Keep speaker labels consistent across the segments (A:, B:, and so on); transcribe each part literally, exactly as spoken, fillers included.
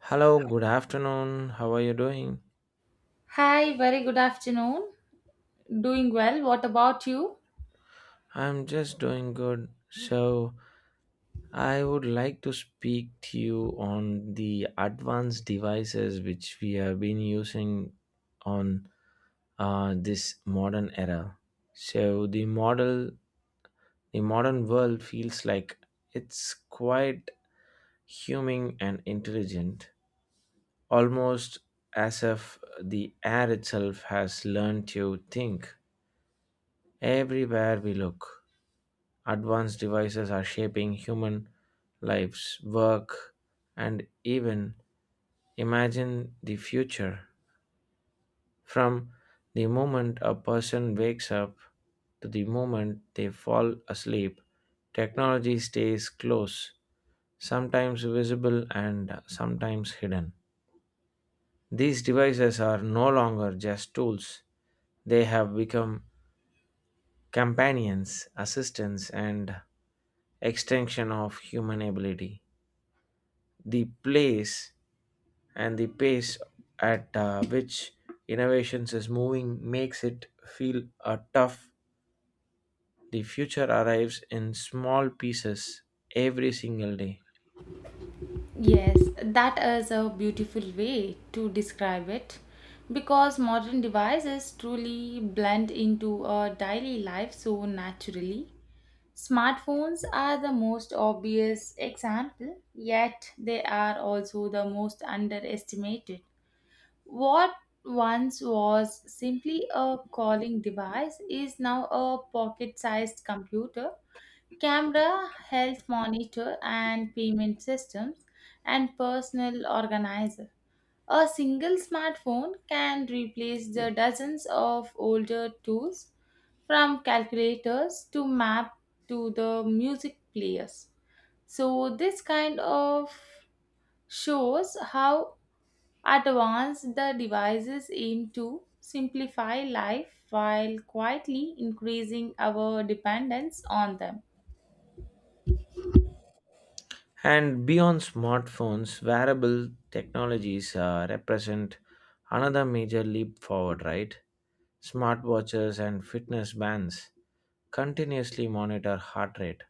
A: Hello, good afternoon. How are you doing?
B: Hi, very good afternoon. Doing well. What about you?
A: I'm just doing good. So, I would like to speak to you on the advanced devices which we have been using on uh, this modern era. So, the model, the modern world feels like it's quite human and intelligent, almost as if the air itself has learned to think everywhere we look. Advanced devices are shaping human lives, work, and even imagine the future. From the moment a person wakes up to the moment they fall asleep, technology stays close, sometimes visible and sometimes hidden. These devices are no longer just tools, they have become companions, assistants, and extension of human ability. The place and the pace at uh, which innovations is moving makes it feel uh, tough. The future arrives in small pieces every single day.
B: Yes, that is a beautiful way to describe it because modern devices truly blend into our daily life so naturally. Smartphones are the most obvious example, yet they are also the most underestimated. What once was simply a calling device is now a pocket sized computer, camera, health monitor, and payment systems, and personal organizer. A single smartphone can replace the dozens of older tools, from calculators to map to the music players. So, this kind of shows how advanced the devices aim to simplify life while quietly increasing our dependence on them.
A: And beyond smartphones, wearable technologies uh, represent another major leap forward, right? Smartwatches and fitness bands continuously monitor heart rate,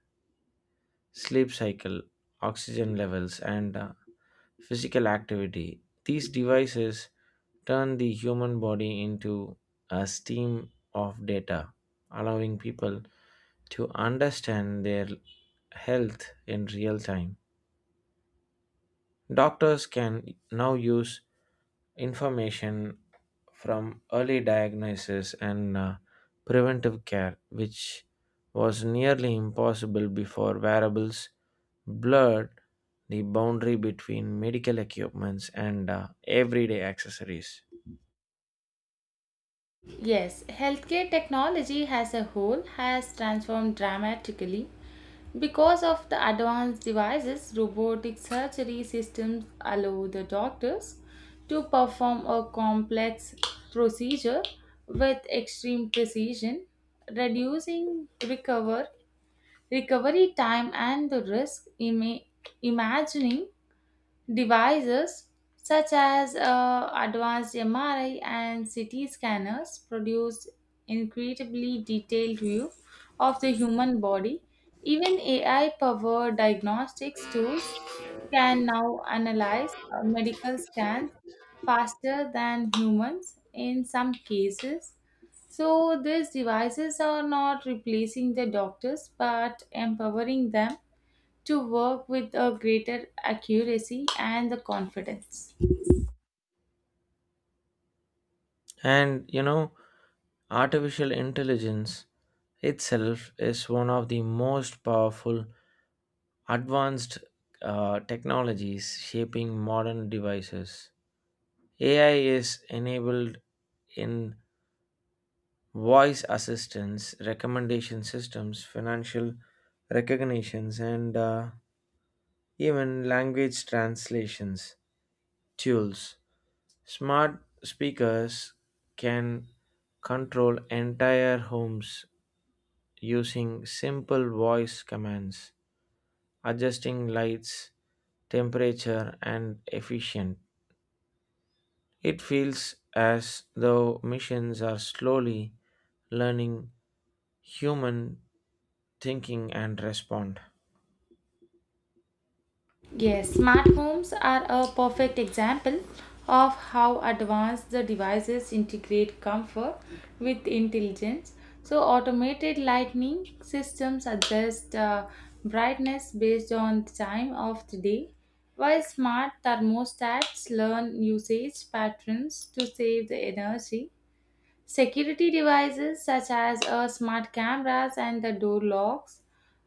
A: sleep cycle, oxygen levels, and uh, physical activity. These devices turn the human body into a stream of data, allowing people to understand their health in real time. Doctors can now use information from early diagnosis and uh, preventive care, which was nearly impossible before wearables blurred the boundary between medical equipments and uh, everyday accessories.
B: Yes, healthcare technology as a whole has transformed dramatically because of the advanced devices. Robotic surgery systems allow the doctors to perform a complex procedure with extreme precision, reducing recover recovery time and the risk. Ima- imagining Devices such as uh, advanced M R I and C T scanners produce incredibly detailed view of the human body. Even A I-powered diagnostics tools can now analyze uh, medical scans faster than humans in some cases. So, these devices are not replacing the doctors but empowering them to work with a greater accuracy and the confidence.
A: And you know, artificial intelligence itself is one of the most powerful advanced uh, technologies shaping modern devices. A I is enabled in voice assistance, recommendation systems, financial recognitions, and uh, even language translations tools. Smart speakers can control entire homes using simple voice commands, adjusting lights, temperature, and efficient. It feels as though machines are slowly learning human thinking and respond.
B: Yes, smart homes are a perfect example of how advanced the devices integrate comfort with intelligence. So, automated lighting systems adjust uh, brightness based on the time of the day, while smart thermostats learn usage patterns to save the energy. Security devices such as uh, smart cameras and the door locks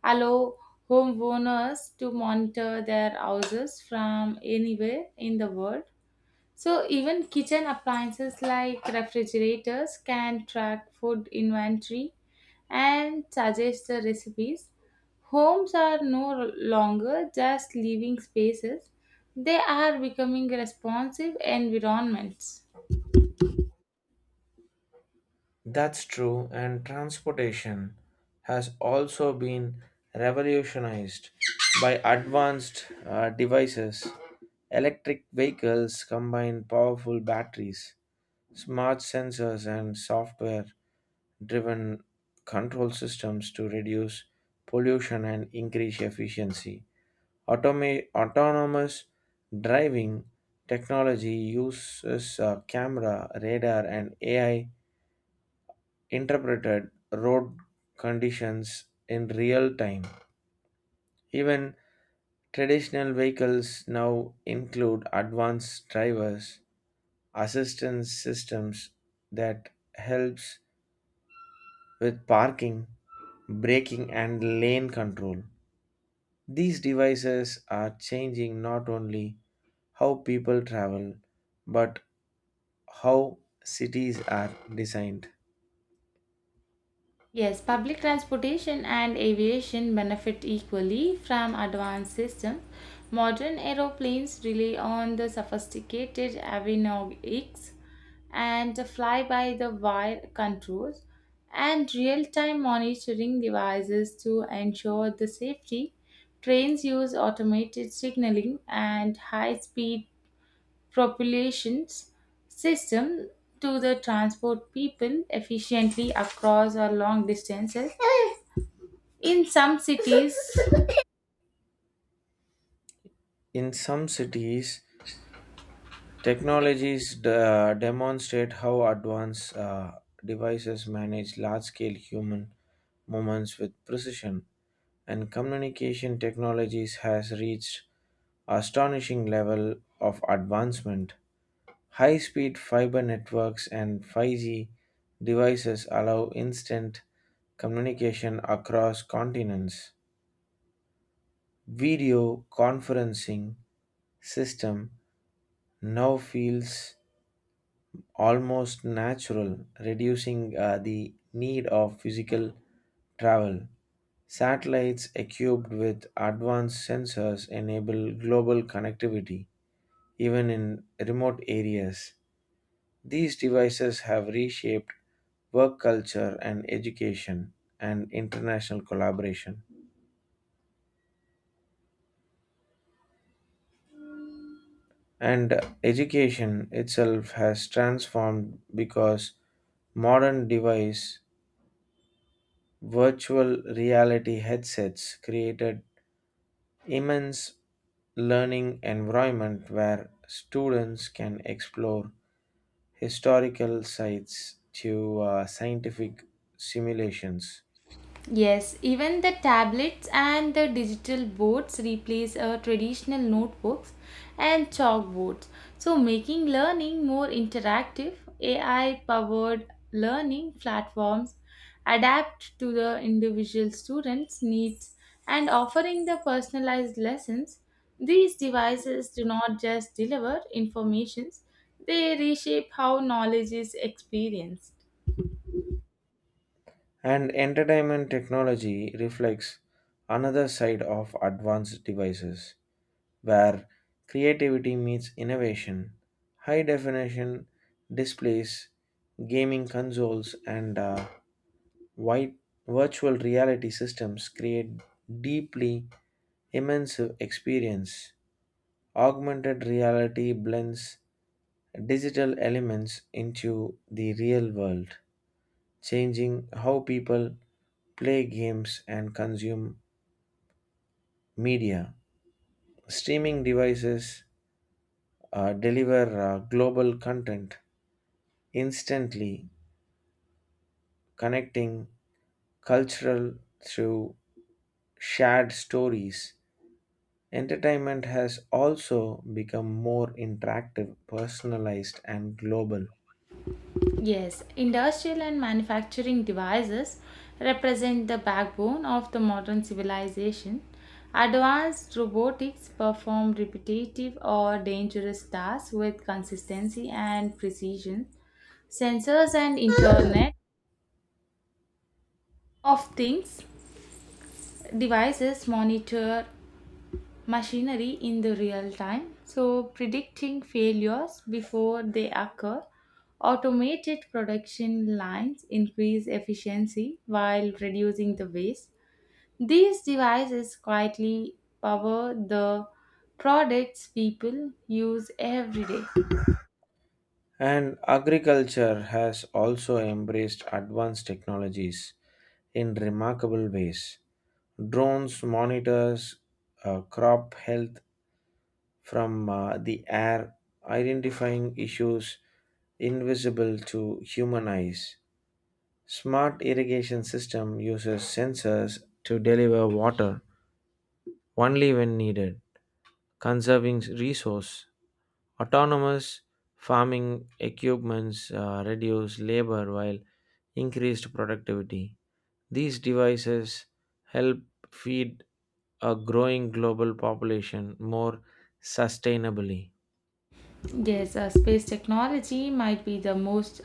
B: allow homeowners to monitor their houses from anywhere in the world. So, even kitchen appliances like refrigerators can track food inventory and suggest the recipes. Homes are no longer just living spaces, they are becoming responsive environments.
A: That's true, and transportation has also been revolutionized by advanced uh, devices. Electric vehicles combine powerful batteries, smart sensors, and software driven control systems to reduce pollution and increase efficiency. Automa- autonomous driving technology uses a camera, radar, and A I interpreted road conditions in real time. Even traditional vehicles now include advanced drivers assistance systems that helps with parking, braking and lane control. These devices are changing not only how people travel but how cities are designed.
B: Yes, public transportation and aviation benefit equally from advanced systems. Modern aeroplanes rely on the sophisticated avionics and fly by the wire controls and real time monitoring devices to ensure the safety. Trains use automated signaling and high speed propulsions system to the transport people efficiently across or long distances. In some cities,
A: In some cities, technologies de- demonstrate how advanced uh, devices manage large scale human movements with precision, and communication technologies has reached astonishing level of advancement. High speed fiber networks and five G devices allow instant communication across continents. Video conferencing system now feels almost natural, reducing uh, the need of physical travel. Satellites equipped with advanced sensors enable global connectivity, even in remote areas. These devices have reshaped work culture and education and international collaboration. And education itself has transformed because modern device. Virtual reality headsets created immense learning environment where students can explore historical sites to uh, scientific simulations.
B: yes, even the tablets and the digital boards replace uh, traditional notebooks and chalkboards. So, making learning more interactive, A I powered learning platforms adapt to the individual students' needs and offering the personalized lessons. These devices do not just deliver information, they reshape how knowledge is experienced.
A: And entertainment technology reflects another side of advanced devices where creativity meets innovation. High definition displays, gaming consoles, and uh, white virtual reality systems create deeply immersive experience. Augmented reality blends digital elements into the real world, changing how people play games and consume media. Streaming devices uh, deliver uh, global content instantly, connecting cultural through shared stories. Entertainment has also become more interactive, personalized, and global.
B: Yes, industrial and manufacturing devices represent the backbone of the modern civilization. Advanced robotics perform repetitive or dangerous tasks with consistency and precision. Sensors and Internet of Things devices monitor machinery in the real time, so predicting failures before they occur. Automated production lines increase efficiency while reducing the waste. These devices quietly power the products people use every day.
A: And agriculture has also embraced advanced technologies in remarkable ways. Drones monitors uh, crop health from uh, the air, identifying issues invisible to human eyes. Smart irrigation system uses sensors to deliver water only when needed conserving resource. Autonomous farming equipments uh, reduce labor while increased productivity. These devices help feed a growing global population more sustainably.
B: Yes, uh, space technology might be the most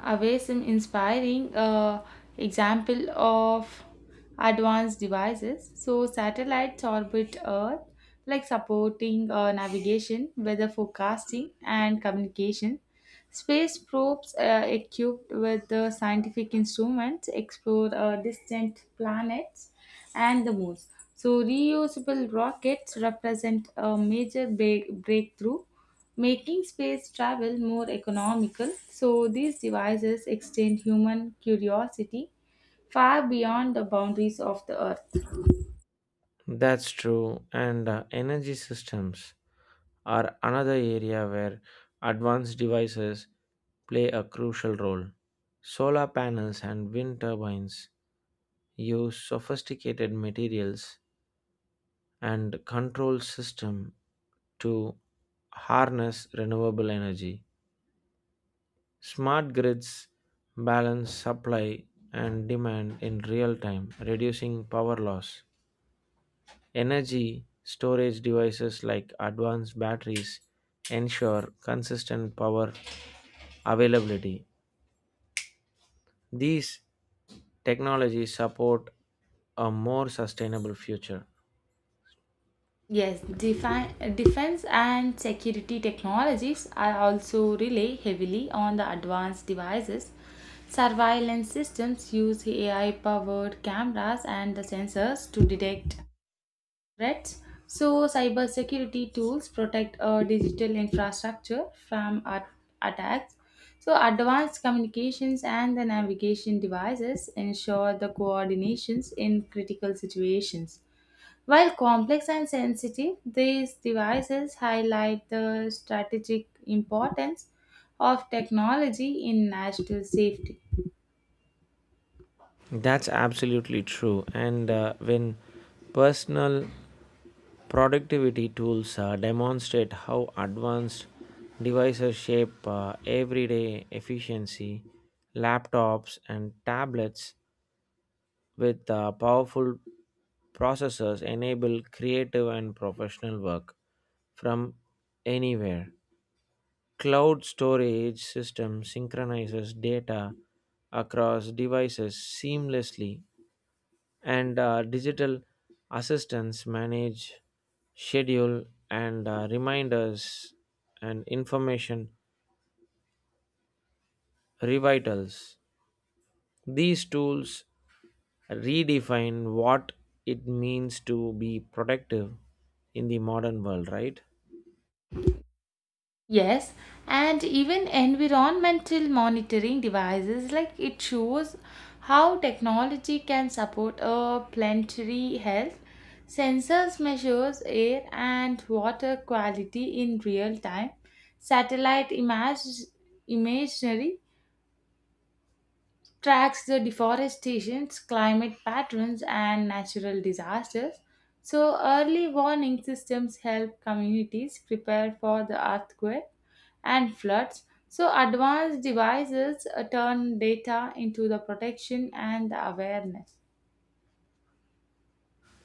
B: away some inspiring uh, example of advanced devices. So satellites orbit Earth, like supporting uh, navigation, weather forecasting, and communication. Space probes uh, equipped with the scientific instruments explore uh, distant planets and the moons. So reusable rockets represent a major break- breakthrough making space travel more economical. So, these devices extend human curiosity far beyond the boundaries of the Earth.
A: That's true, and uh, energy systems are another area where advanced devices play a crucial role. Solar panels and wind turbines use sophisticated materials and control system to harness renewable energy. Smart grids balance supply and demand in real time, reducing power loss. Energy storage devices like advanced batteries ensure consistent power availability. These technologies support a more sustainable future.
B: Yes, defi- defense and security technologies are also rely heavily on the advanced devices. Surveillance systems use A I powered cameras and the sensors to detect threats. So, cybersecurity tools protect our digital infrastructure from at- attacks. So, advanced communications and the navigation devices ensure the coordinations in critical situations. While complex and sensitive, these devices highlight the strategic importance of technology in national safety.
A: That's absolutely true. And uh, when personal productivity tools uh, demonstrate how advanced devices shape uh, everyday efficiency. Laptops and tablets with uh, powerful processors enable creative and professional work from anywhere. Cloud storage system synchronizes data across devices seamlessly, and uh, digital assistants manage schedule and uh, reminders and information revitals these tools redefine what it means to be productive in the modern world, right?
B: Yes, and even environmental monitoring devices like it shows how technology can support a planetary health. Sensors measures air and water quality in real time. Satellite image imagery tracks the deforestation, climate patterns, and natural disasters. So, early warning systems help communities prepare for the earthquake and floods. So, advanced devices uh, turn data into the protection and the awareness.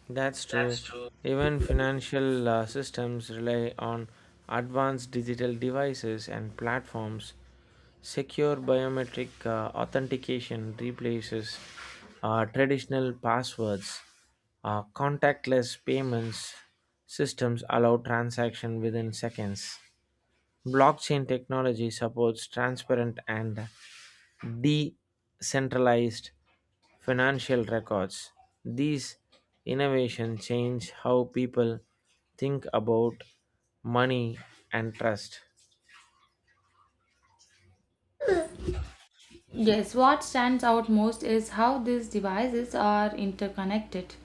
A: That's true. Even financial uh, systems rely on advanced digital devices and platforms. Secure biometric uh, authentication replaces uh, traditional passwords. Uh, contactless payments systems allow transaction within seconds. Blockchain technology supports transparent and decentralized financial records. These innovations change how people think about money and trust.
B: Yes, what stands out most is how these devices are interconnected.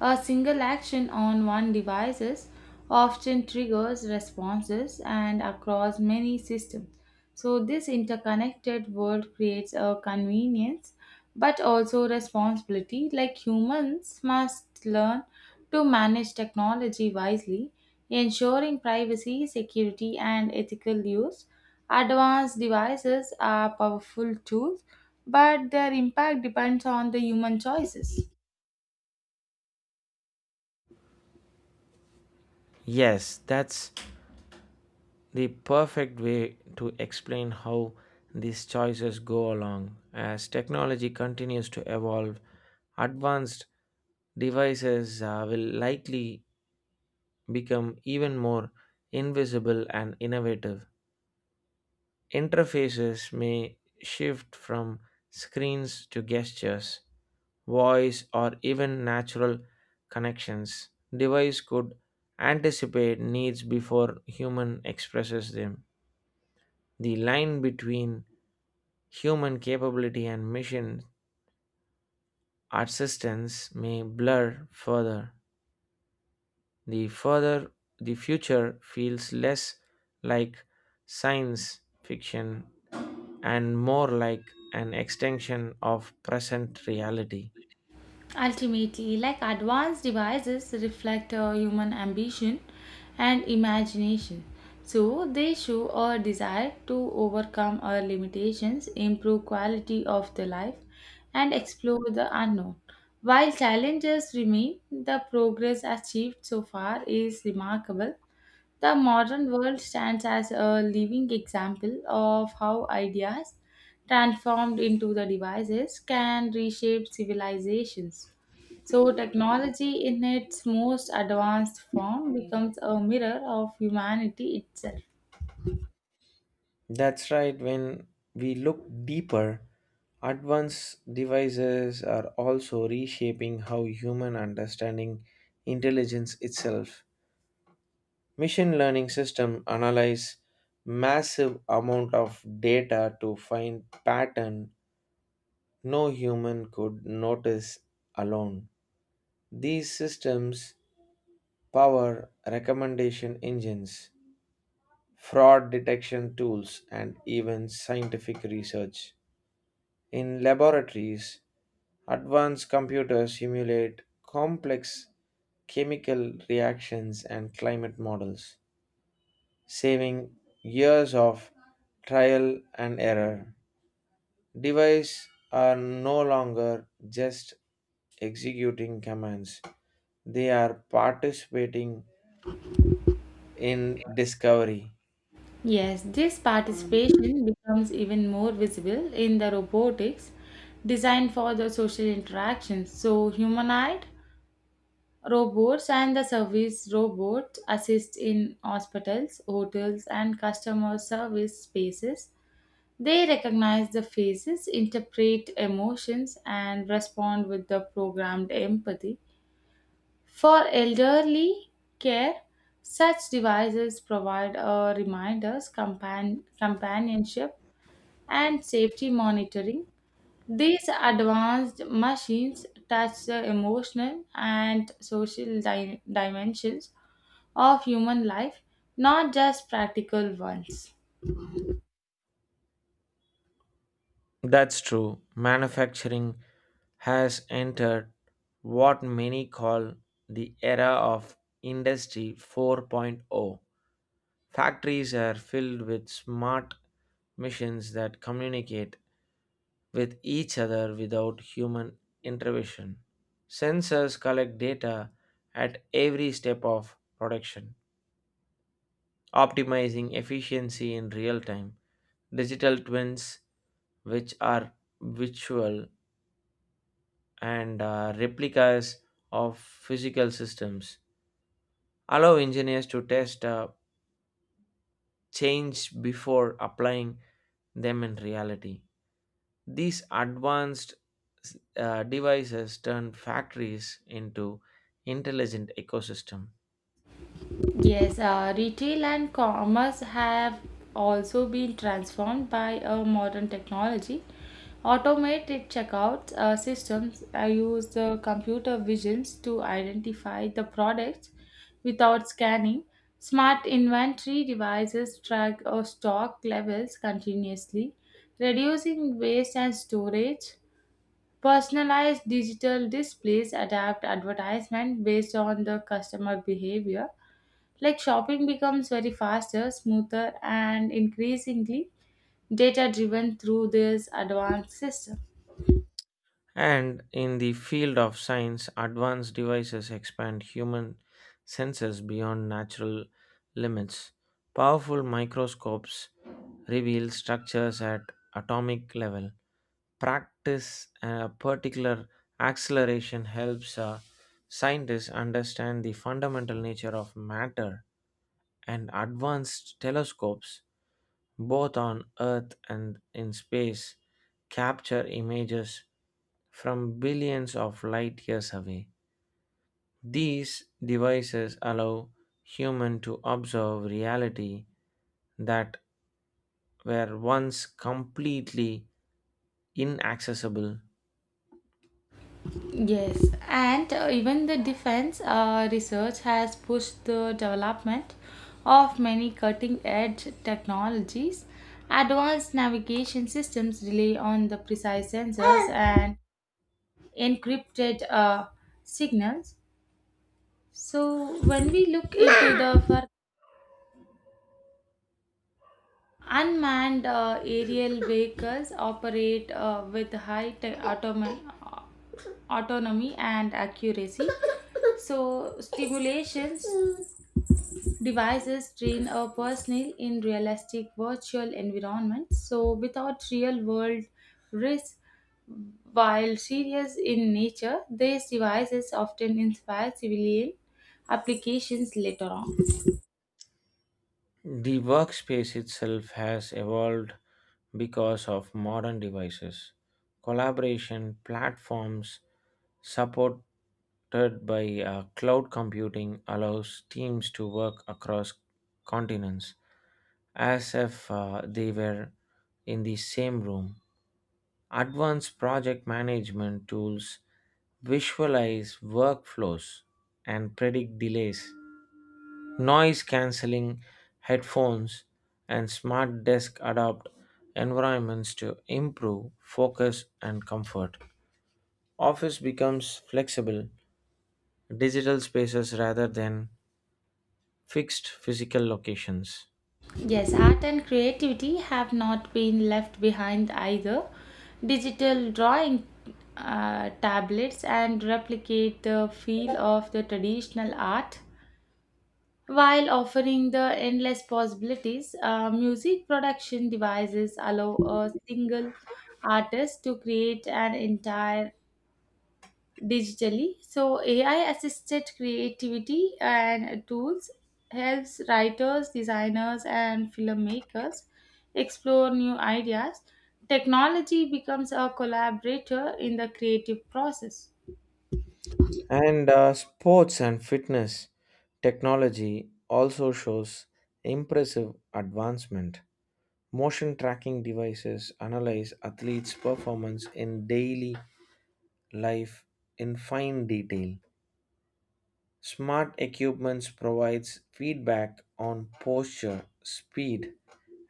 B: A single action on one device often triggers responses and across many systems. So, this interconnected world creates a convenience but also responsibility. Like humans must learn to manage technology wisely, ensuring privacy, security, and ethical use. Advanced devices are powerful tools, but their impact depends on the human choices.
A: Yes, that's the perfect way to explain how these choices go along. As technology continues to evolve, advanced devices uh, will likely become even more invisible and innovative. Interfaces may shift from screens to gestures, voice, or even natural connections. Device could anticipate needs before human expresses them. The line between human capability and machine assistance may blur further. The further the future feels less like science fiction and more like an extension of present reality.
B: Ultimately, like advanced devices reflect uh, human ambition and imagination. So they show our desire to overcome our limitations, improve quality of the life, and explore the unknown. While challenges remain, the progress achieved so far is remarkable. The modern world stands as a living example of how ideas transformed into the devices can reshape civilizations. So, technology in its most advanced form becomes a mirror of humanity itself.
A: That's right, when we look deeper, advanced devices are also reshaping how human understanding intelligence itself. Machine learning system analyze massive amount of data to find pattern no human could notice alone. These systems power recommendation engines, fraud detection tools, and even scientific research. In laboratories, advanced computers simulate complex chemical reactions and climate models, saving years of trial and error. Devices are no longer just executing commands, they are participating in discovery.
B: Yes, this participation becomes even more visible in the robotics designed for the social interactions. So, humanoid robots and the service robots assist in hospitals, hotels, and customer service spaces. They recognize the faces, interpret emotions, and respond with the programmed empathy. For elderly care, such devices provide a reminders, compan- companionship, and safety monitoring. These advanced machines touch the emotional and social di- dimensions of human life, not just practical ones.
A: That's true. Manufacturing has entered what many call the era of Industry 4.0. Factories are filled with smart machines that communicate with each other without human intervention. Sensors collect data at every step of production, optimizing efficiency in real time. Digital twins, which are virtual and uh, replicas of physical systems, allow engineers to test uh, change before applying them in reality. These advanced uh, devices turn factories into intelligent ecosystem.
B: Yes, uh, retail and commerce have also been transformed by uh, modern technology. Automated checkout uh, systems uh, use the computer visions to identify the products without scanning. Smart inventory devices track uh, stock levels continuously, reducing waste and storage. Personalized digital displays adapt advertisement based on the customer behavior like shopping becomes very faster, smoother, and increasingly data driven through this advanced system.
A: And in the field of science, advanced devices expand human senses beyond natural limits. Powerful microscopes reveal structures at atomic level, practice a particular acceleration helps uh, scientists understand the fundamental nature of matter and advanced telescopes both on earth and in space capture images from billions of light years away. These devices allow human to observe reality that were once completely inaccessible.
B: Yes, and uh, even the defense uh, research has pushed the development of many cutting edge technologies. Advanced navigation systems rely on the precise sensors and encrypted uh, signals. So, when we look into the further unmanned uh, aerial vehicles operate uh, with high te- automa- autonomy and accuracy. So, stimulations devices train a personnel in realistic virtual environments. So, without real world risk, while serious in nature, these devices often inspire civilian applications later on.
A: The workspace itself has evolved because of modern devices, collaboration platforms supported by uh, cloud computing allows teams to work across continents as if uh, they were in the same room. Advanced project management tools visualize workflows and predict delays. Noise cancelling headphones and smart desk adapt environments to improve focus and comfort. Office becomes flexible, digital spaces rather than fixed physical locations.
B: Yes, art and creativity have not been left behind either. Digital drawing uh, tablets and replicate the feel of the traditional art while offering the endless possibilities. Uh, music production devices allow a single artist to create an entire digitally. So AI assisted creativity and tools helps writers, designers and filmmakers explore new ideas. Technology becomes a collaborator in the creative process.
A: And uh, sports and fitness technology also shows impressive advancement. Motion tracking devices analyze athletes' performance in daily life in fine detail. Smart equipments provides feedback on posture, speed,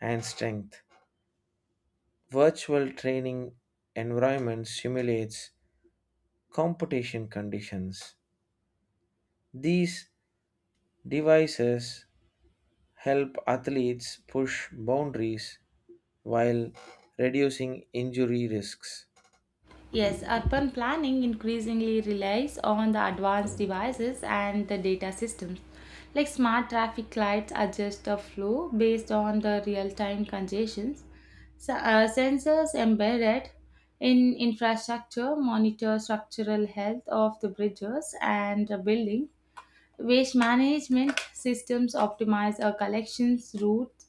A: and strength. Virtual training environment simulates competition conditions. These devices help athletes push boundaries while reducing injury risks.
B: Yes, urban planning increasingly relies on the advanced devices and the data systems. Like smart traffic lights adjust the flow based on the real time congestions. So, uh, sensors embedded in infrastructure monitor structural health of the bridges and the building. Waste management systems optimize our collections routes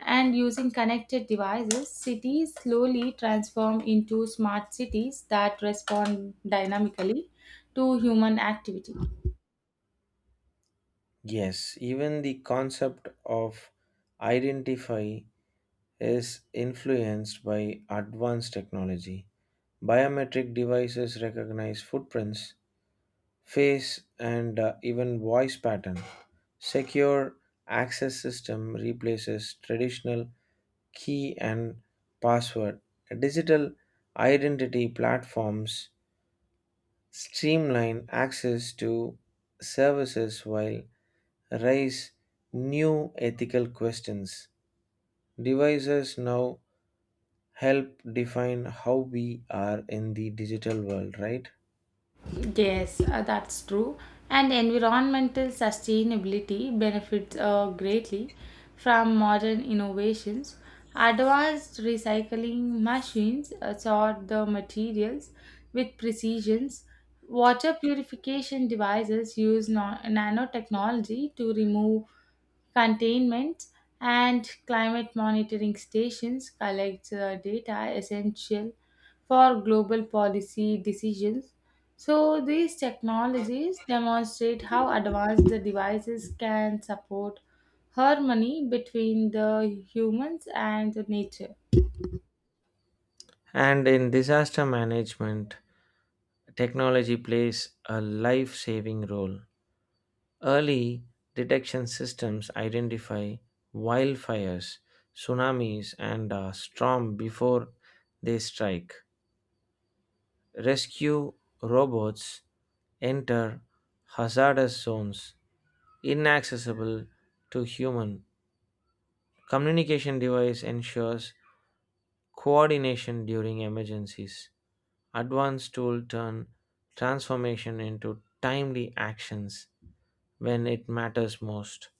B: and using connected devices, cities slowly transform into smart cities that respond dynamically to human activity.
A: Yes, even the concept of identify is influenced by advanced technology. Biometric devices recognize footprints, face, and uh, even voice pattern. Secure access system replaces traditional key and password. Digital identity platforms streamline access to services while raise new ethical questions. Devices now help define how we are in the digital world, right?
B: Yes, uh, that's true. And environmental sustainability benefits uh, greatly from modern innovations. Advanced recycling machines uh, sort the materials with precision. Water purification devices use no- nanotechnology to remove containment, and climate monitoring stations collect uh, data essential for global policy decisions. So these technologies demonstrate how advanced the devices can support harmony between the humans and the nature.
A: And in disaster management, technology plays a life saving role. Early detection systems identify wildfires, tsunamis, and uh, storm before they strike. Rescue robots enter hazardous zones inaccessible to human. Communication device ensures coordination during emergencies. Advanced tool turn transformation into timely actions when it matters most.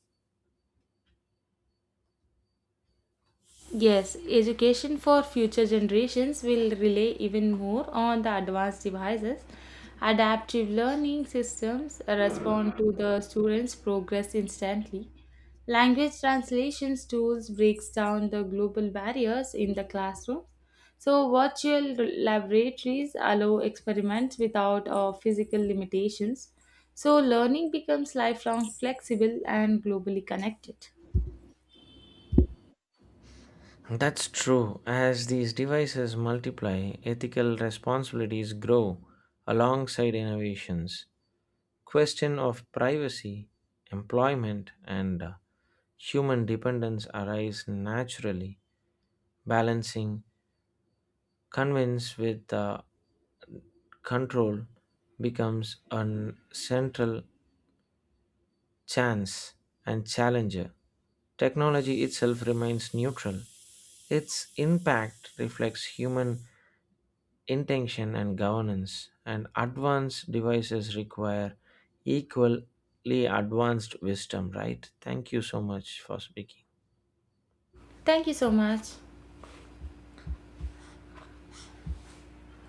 B: Yes, education for future generations will rely even more on the advanced devices. Adaptive learning systems respond to the students' progress instantly. Language translations tools breaks down the global barriers in the classroom. So virtual laboratories allow experiments without uh, physical limitations. So learning becomes lifelong flexible and globally connected.
A: That's true. As these devices multiply, ethical responsibilities grow alongside innovations. Question of privacy, employment, and uh, human dependence arise naturally. Balancing convince with uh, control becomes a central chance and challenger. Technology itself remains neutral. Its impact reflects human intention and governance, and advanced devices require equally advanced wisdom, right? Thank you so much for speaking.
B: Thank you so much.